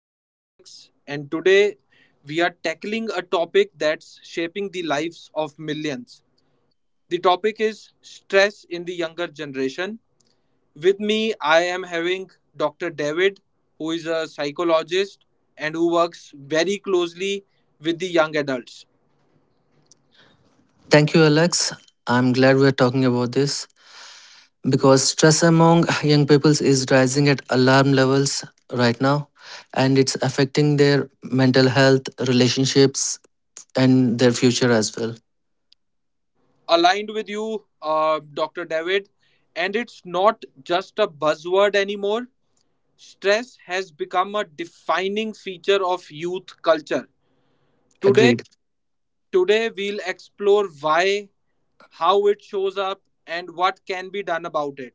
I am Alex and today we are tackling a topic that's shaping the lives of millions. The topic is stress in the younger generation. With me I am having Dr. David, who is a psychologist and who works very closely with the young adults. Thank you, Alex. I'm glad we're talking about this because stress among young peoples is rising at alarm levels right now, and it's affecting their mental health, relationships, and their future as well. Aligned with you, Dr. David, and it's not just a buzzword anymore. Stress has become a defining feature of youth culture. Today, Agreed. today we'll explore why, how it shows up, and what can be done about it.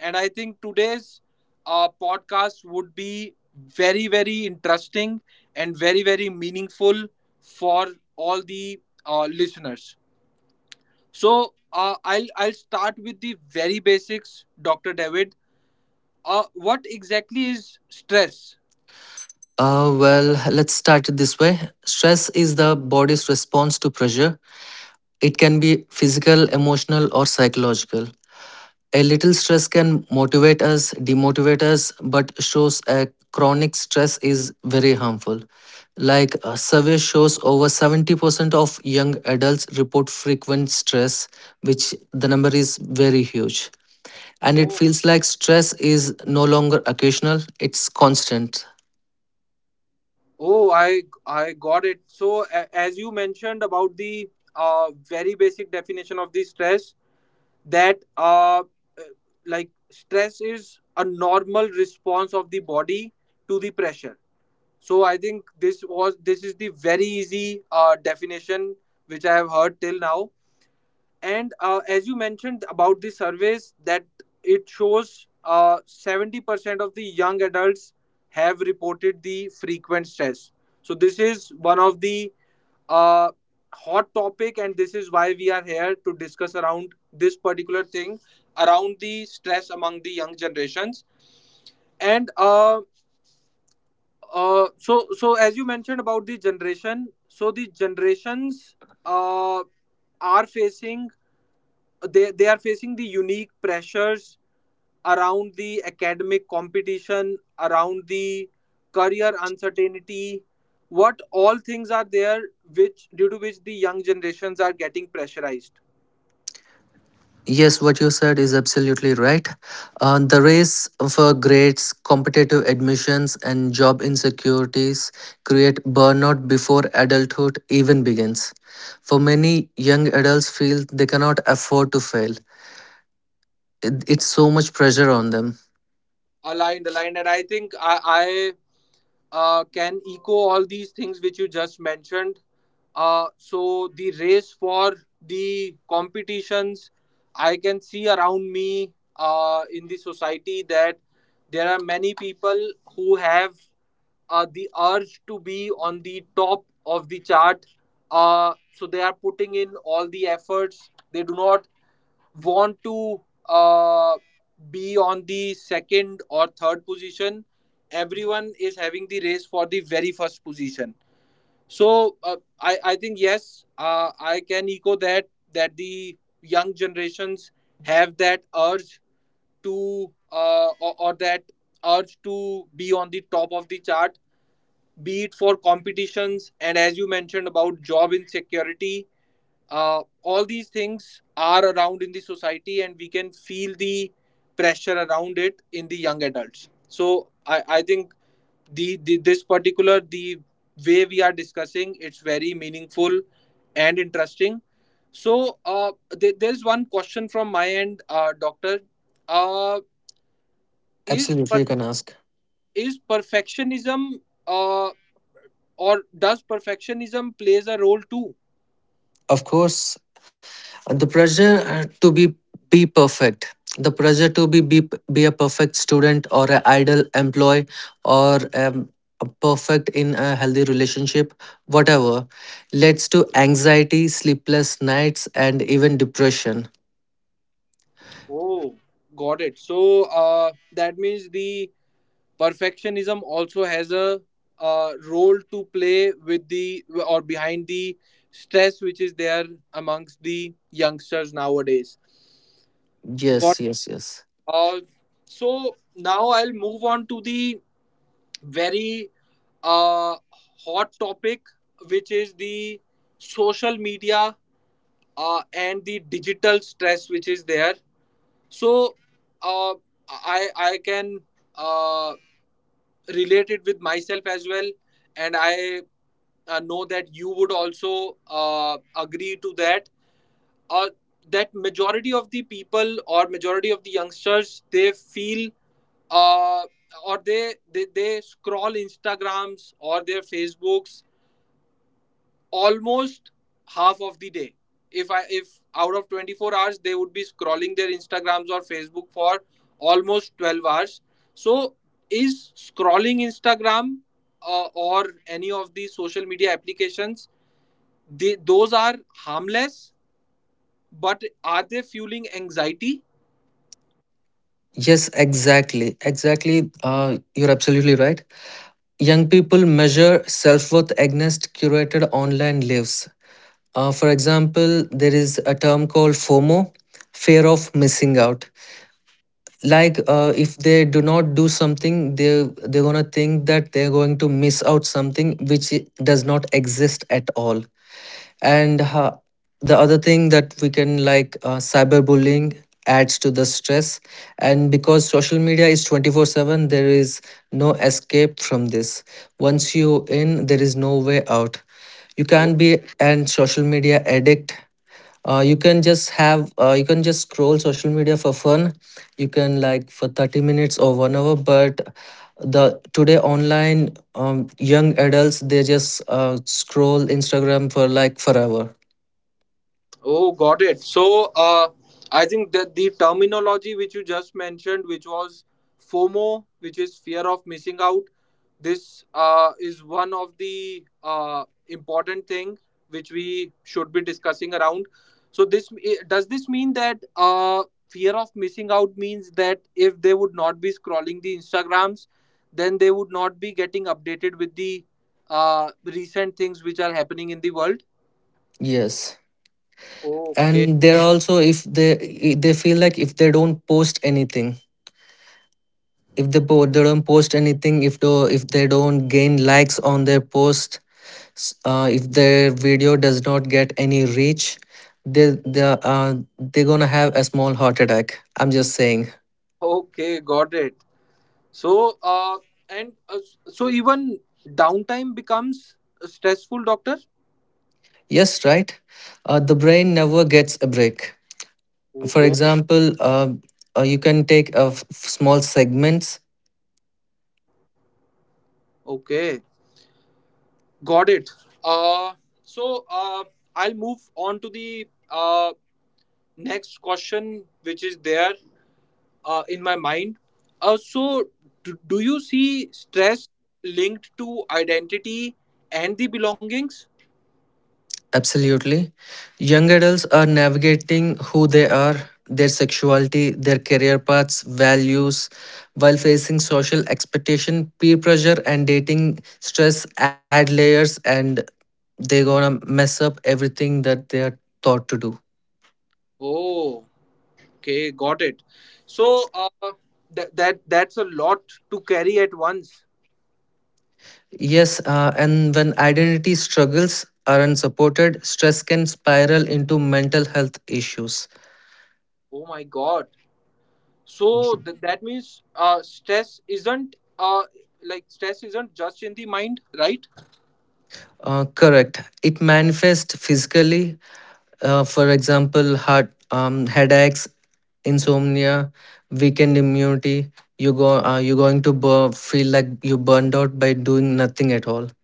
And I think today's podcast would be very, very interesting and very, very meaningful for all the listeners. So I'll start with the very basics, Doctor David. What exactly is stress? Well, let's start it this way. Stress is the body's response to pressure. It can be physical, emotional, or psychological. A little stress can motivate us, demotivate us, but shows a chronic stress is very harmful. Like, a survey shows over 70% of young adults report frequent stress, which the number is very huge. And it feels like stress is no longer occasional, it's constant. Oh, I got it. So as you mentioned about the very basic definition of the stress, that like stress is a normal response of the body to the pressure. So I think this is the very easy definition which I have heard till now. And as you mentioned about the surveys, that it shows 70% of the young adults have reported the frequent stress. So this is one of the uh, hot topic, and this is why we are here to discuss around this particular thing, around the stress among the young generations. And so so as you mentioned about the generation, so the generations uh, are facing they are facing the unique pressures around the academic competition, around the career uncertainty, what all things are there which due to which the young generations are getting pressurized. Yes, what you said is absolutely right. The race for grades, competitive admissions, and job insecurities create burnout before adulthood even begins. For many, young adults feel they cannot afford to fail. It's so much pressure on them. Aligned, and I think I can echo all these things which you just mentioned. So the race for the competitions, I can see around me in the society that there are many people who have the urge to be on the top of the chart. So they are putting in all the efforts. They do not want to uh, be on the second or third position. Everyone is having the race for the very first position. So I think, yes, I can echo that that the young generations have that urge to or that urge to be on the top of the chart, be it for competitions, and as you mentioned about job insecurity, all these things are around in the society and we can feel the pressure around it in the young adults. So I think the this particular, the way we are discussing, it's very meaningful and interesting. So there's one question from my end, doctor. uh, is per- Absolutely, you can ask. is perfectionism, uh, or does perfectionism plays a role too? Of course, the pressure to be perfect, the pressure to be a perfect student or an ideal employee or a perfect in a healthy relationship, whatever, leads to anxiety, sleepless nights, and even depression. Oh, got it. So that means the perfectionism also has a role to play with the, or behind the stress which is there amongst the youngsters nowadays. Got Yes, yes, yes. uh, now I'll move on to the very uh, hot topic, which is the social media and the digital stress which is there. So uh, i I can uh, relate it with myself as well, and I know that you would also agree to that, or that majority of the people or majority of the youngsters, they feel, uh, or they scroll instagrams or their facebooks almost half of the day. If I if Out of 24 hours, they would be scrolling their instagrams or facebook for almost 12 hours. So is scrolling instagram, or any of the social media applications, they those are harmless, but are they fueling anxiety? Yes, exactly, exactly. You're absolutely right. Young people measure self-worth against curated online lives. For example, there is a term called FOMO, fear of missing out. Like, if they do not do something, they're gonna think that they're going to miss out something which does not exist at all. And the other thing that we can, like, cyberbullying adds to the stress, and because social media is 24/7, there is no escape from this. Once you in, there is no way out. You can be an social media addict. You can just have, you can just scroll social media for fun. You can, like, for 30 minutes or 1 hour, but the today online young adults, they just scroll instagram for like forever. Oh, got it. So, I think that the terminology which you just mentioned, which was FOMO, which is fear of missing out, this is one of the important thing which we should be discussing around. So, this does this mean that fear of missing out means that if they would not be scrolling the Instagrams, then they would not be getting updated with the recent things which are happening in the world. Yes. Okay. And they're also, if they feel like, if they don't post anything, if they don't post anything, if if they don't gain likes on their post, if their video does not get any reach, they they they're gonna have a small heart attack. I'm just saying. Okay, got it. So, and so even downtime becomes stressful, doctor. Yes, right. The brain never gets a break. Oh, For oh, example, you can take a small segments. okay, got it. Uh, so uh, I'll move on to the next question, which is there in my mind. So do you see stress linked to identity and the belongings? Absolutely. Young adults are navigating who they are, their sexuality, their career paths, values, while facing social expectation, peer pressure, and dating stress add layers, and they're gonna mess up everything that they are taught to do. Oh, okay, got it. So that's a lot to carry at once. Yes. And when identity struggles are unsupported, stress can spiral into mental health issues. Oh my God. So that means stress isn't like stress isn't just in the mind, right? Correct. It manifests physically. For example, heart, headaches, insomnia, weakened immunity. You go, you're going to feel like you burned out by doing nothing at all.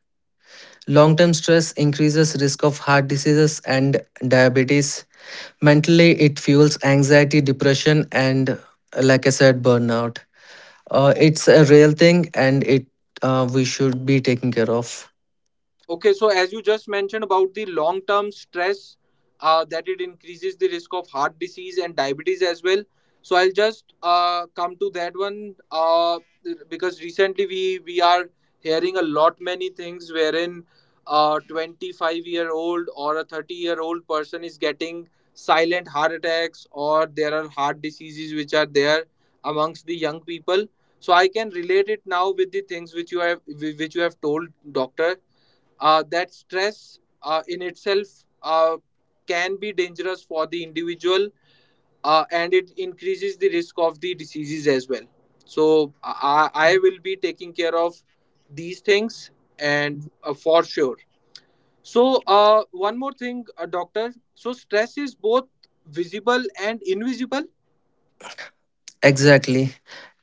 Long term stress increases risk of heart diseases and diabetes. Mentally, it fuels anxiety, depression, and like I said, burnout. It's a real thing, and it we should be taking care of. Okay, so as you just mentioned about the long term stress, that it increases the risk of heart disease and diabetes as well. So I'll just come to that one because recently we are hearing a lot many things wherein a 25-year-old or a 30-year-old person is getting silent heart attacks, or there are heart diseases which are there amongst the young people. So I can relate it now with the things which you have told, doctor, that stress in itself uh, can be dangerous for the individual, and it increases the risk of the diseases as well. So I will be taking care of these things, and for sure. So one more thing, doctor. So stress is both visible and invisible. Exactly.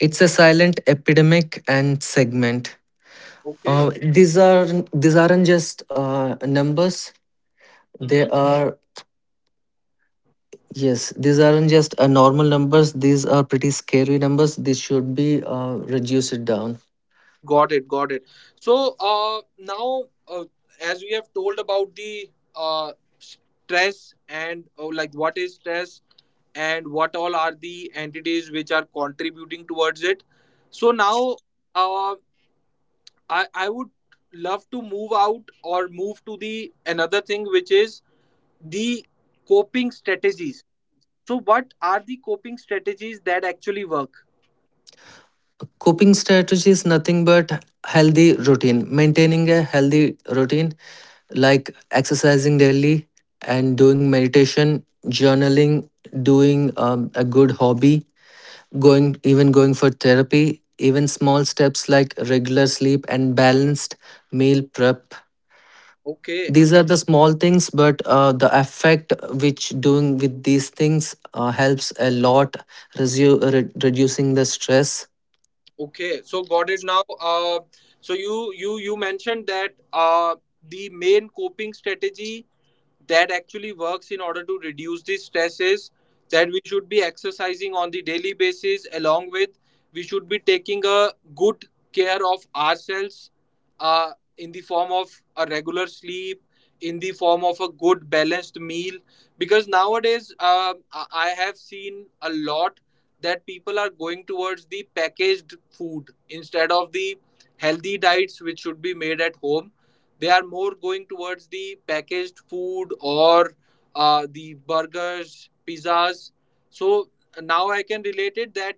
It's a silent epidemic and segment. Uh, Okay. these are these aren't just numbers. They are Yes. These aren't just normal numbers. These are pretty scary numbers. These should be reduced down. Got it, got it. So now, as we have told about the uh, stress and like what is stress and what all are the entities which are contributing towards it. So now, uh, I would love to move out, or move to the another thing, which is the coping strategies. So what are the coping strategies that actually work? Coping strategy is nothing but healthy routine. Maintaining a healthy routine, like exercising daily and doing meditation, journaling, doing a good hobby, going even going for therapy, even small steps like regular sleep and balanced meal prep. Okay. These are the small things, but the effect which doing with these things helps a lot, reducing the stress. Okay, so got it now. So you you mentioned that the main coping strategy that actually works in order to reduce the stresses, that we should be exercising on the daily basis, along with we should be taking a good care of ourselves uh, in the form of a regular sleep, in the form of a good balanced meal, because nowadays I have seen a lot that people are going towards the packaged food instead of the healthy diets which should be made at home. They are more going towards the packaged food, or the burgers, pizzas. So now I can relate it that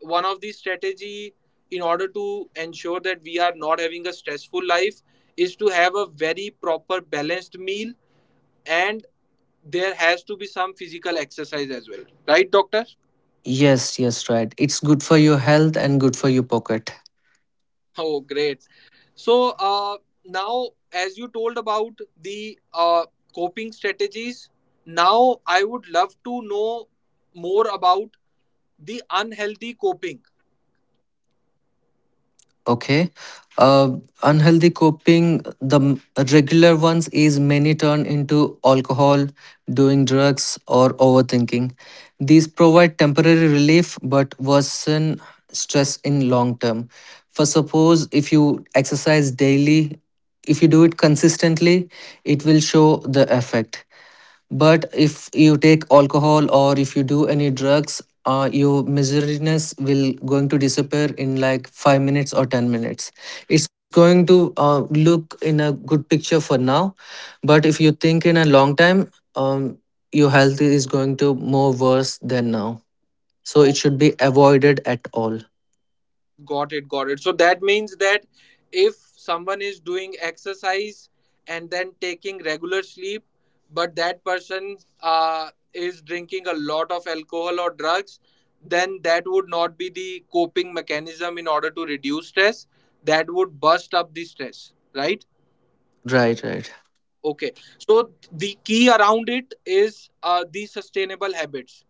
one of the strategy in order to ensure that we are not having a stressful life is to have a very proper balanced meal, and there has to be some physical exercise as well. Right, doctor? Yes, yes, right. It's good for your health and good for your pocket. Oh, great. So now, as you told about the coping strategies, now I would love to know more about the unhealthy coping. Okay. Uh, Unhealthy coping, regular ones is many turn into alcohol, doing drugs, or overthinking. These provide temporary relief but worsen stress in long term. For suppose if you exercise daily, if you do it consistently, it will show the effect. But if you take alcohol, or if you do any drugs, your miserableness will going to disappear in like 5 minutes or 10 minutes. It's going to look in a good picture for now, but if you think in a long time, um, your health is going to more worse than now. So it should be avoided at all. Got it, got it. So that means that if someone is doing exercise and then taking regular sleep, but that person is drinking a lot of alcohol or drugs, then that would not be the coping mechanism in order to reduce stress. That would bust up the stress, right? Right, right. Okay. So the key around it is the sustainable habits.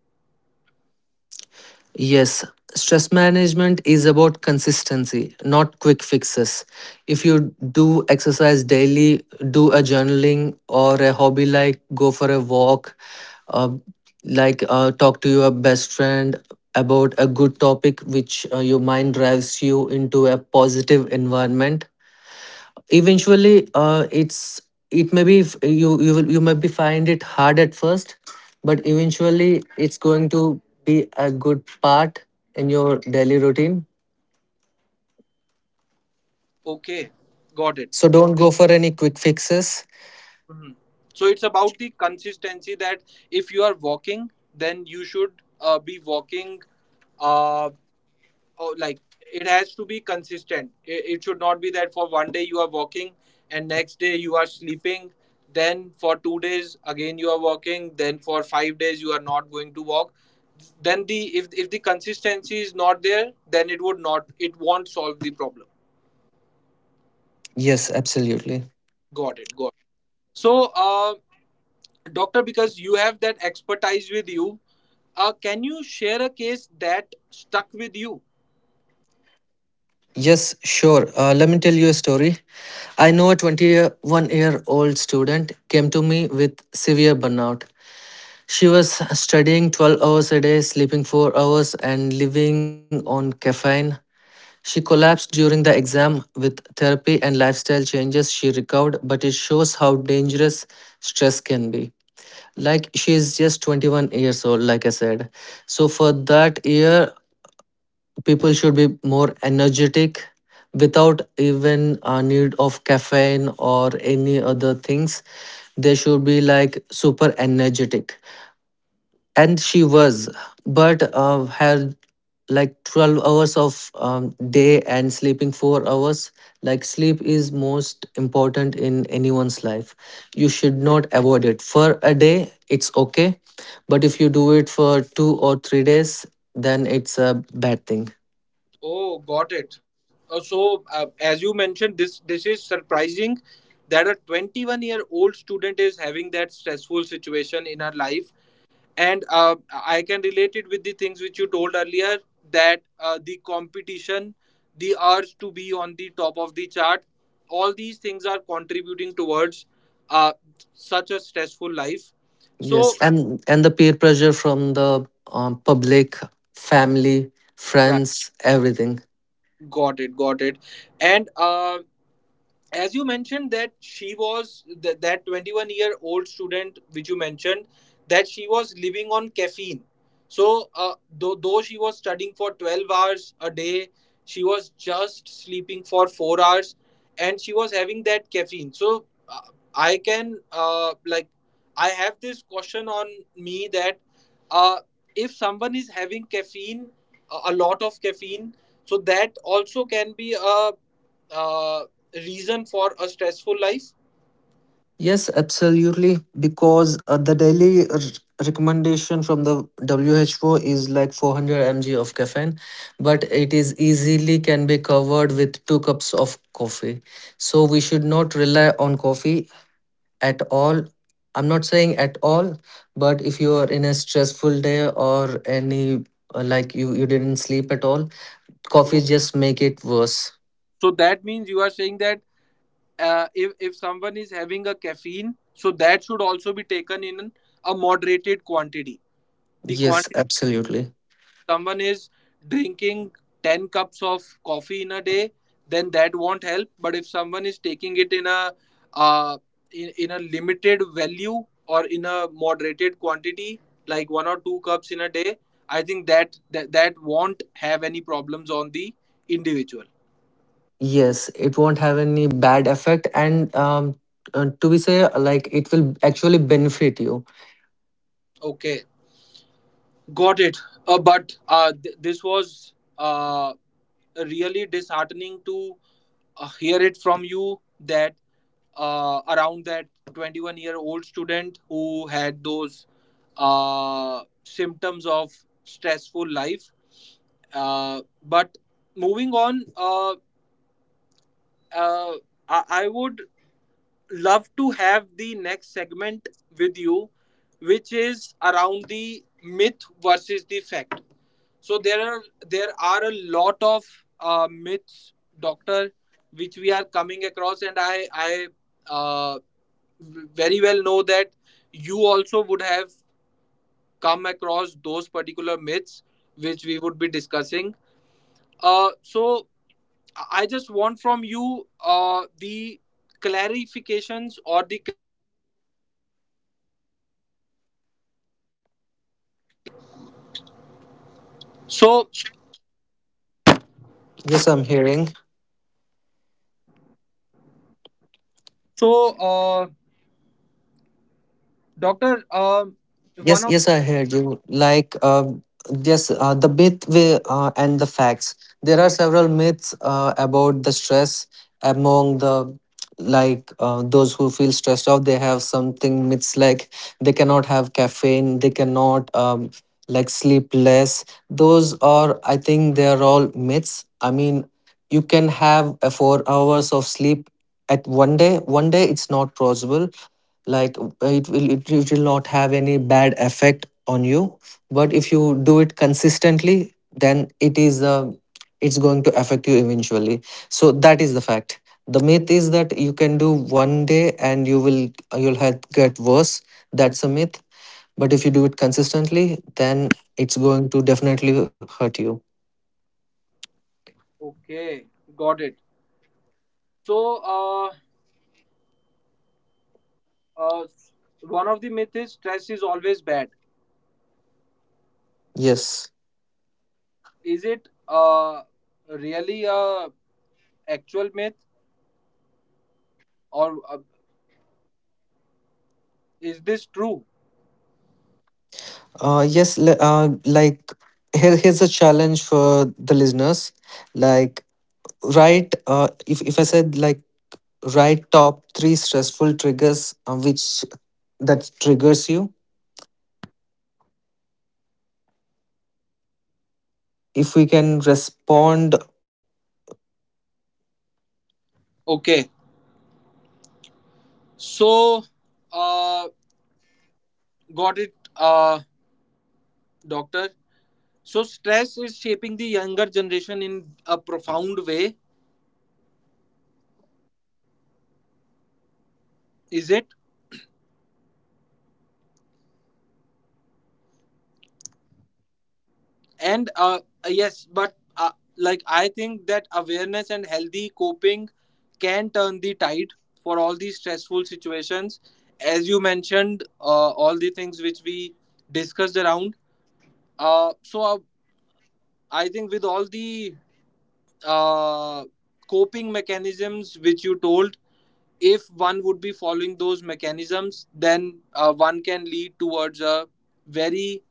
Yes, stress management is about consistency, not quick fixes. If you do exercise daily, do a journaling or a hobby like go for a walk, uh, like, talk to your best friend about a good topic which your mind drives you into a positive environment. Eventually, it may be you may be find it hard at first, but eventually it's going to be a good part in your daily routine. Okay, got it. So don't go for any quick fixes. Mhm. So it's about the consistency that if you are walking, then you should be walking. Uh, oh, like it has to be consistent. It should not be that for one day you are walking and next day you are sleeping. Then for 2 days again you are walking. Then for 5 days you are not going to walk. Then the if the consistency is not there, then it would not it won't solve the problem. Yes, absolutely. Got it. Got it. So, uh, doctor, because you have that expertise with you, can you share a case that stuck with you? Yes, sure. Let me tell you a story. I know a 21-year-old student came to me with severe burnout. She was studying 12 hours a day, sleeping 4 hours, and living on caffeine. She collapsed during the exam. With therapy and lifestyle changes, she recovered, but it shows how dangerous stress can be. Like, she is just 21 years old, like I said. So for that year, people should be more energetic without even a need of caffeine or any other things. They should be like super energetic, and she was, but had like 12 hours of day and sleeping 4 hours. Like, sleep is most important in anyone's life. You should not avoid it for a day, it's okay, but if you do it for 2 or 3 days, then it's a bad thing. Oh, got it. As you mentioned, this is surprising that a 21-year-old student is having that stressful situation in her life, and I can relate it with the things which you told earlier that the competition, the urge to be on the top of the chart, all these things are contributing towards uh, such a stressful life. Yes. So, And the peer pressure from the public, family, friends, everything. got it, got it. And as you mentioned that that 21-year-old student which you mentioned, that she was living on caffeine. So though she was studying for 12 hours a day, she was just sleeping for 4 hours and she was having that caffeine. So I can like I have this question on me that uh, if someone is having caffeine, a lot of caffeine, so that also can be a uh, reason for a stressful life. Yes, absolutely. Because the daily recommendation from the WHO is like 400 mg of caffeine, but it is easily can be covered with two cups of coffee. So we should not rely on coffee at all. I'm not saying at all, but if you are in a stressful day or any, like, you didn't sleep at all, coffee so, just make it worse. so that means you are saying that if someone is having a caffeine, so that should also be taken in a moderated quantity. The Yes, quantity absolutely. Someone is drinking 10 cups of coffee in a day, then that won't help. But if someone is taking it in a uh, in a limited value, or in a moderated quantity, like one or two cups in a day, I think that that won't have any problems on the individual. Yes, it won't have any bad effect, and to be say, like, it will actually benefit you. Okay, got it. But this was uh, really disheartening to hear it from you that around that 21-year-old student who had those symptoms of stressful life. But moving on, uh, I would love to have the next segment with you, which is around the myth versus the fact. So there are a lot of myths, doctor, which we are coming across, and I uh, very well know that you also would have come across those particular myths which we would be discussing. So I just So, Yes, I'm hearing. so, doctor, Yes, one yes, of I heard you. Like, yes, the myth and the facts. There are several myths about the stress among the, like, those who feel stressed out. They have something myths like they cannot have caffeine, they cannot, like, sleep less. Those are, I think, they are all myths. I mean, you can have a 4 hours of sleep at one day. One day it's not possible. Like, it will not have any bad effect on you, but if you do it consistently, then it's going to affect you eventually. So that is the fact. The myth is that you can do one day and you'll have get worse. That's a myth. But if you do it consistently, then it's going to definitely hurt you. Okay, got it. So, uh, uh, One of the myth is stress is always bad. Yes. Is it really a actual myth or is this true? Yes. Like, here's a challenge for the listeners. Like, write, if I said, like, write top three stressful triggers which that triggers you. If we can respond, Okay, so, uh, got it, doctor. So, stress is shaping the younger generation in a profound way. Is it? And yes, but I think that awareness and healthy coping can turn the tide for all these stressful situations, as you mentioned, all the things which we discussed around. Uh, so uh, i think with all the uh, coping mechanisms which you told, if one would be following those mechanisms, then one can lead towards a very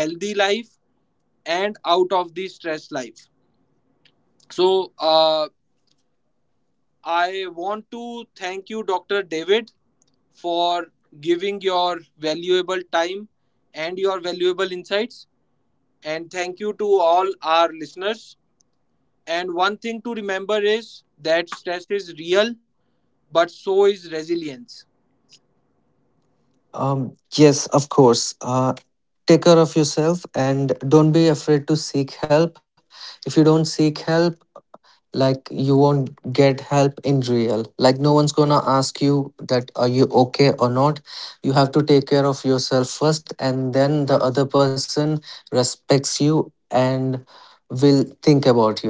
healthy life and out of the stress life. So I want to thank you, Dr. David, for giving your valuable time and your valuable insights. And thank you to all our listeners. And one thing to remember is that stress is real, but so is resilience. Yes, of course. Take care of yourself and don't be afraid to seek help. If you don't seek help, like, you won't get help in real. Like, no one's gonna ask you that are you okay or not. You have to take care of yourself first, and then the other person respects you and will think about you.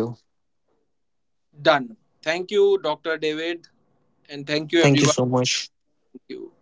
Done. Thank you, Dr. David, and thank you, Thank you everyone. so much. Thank you.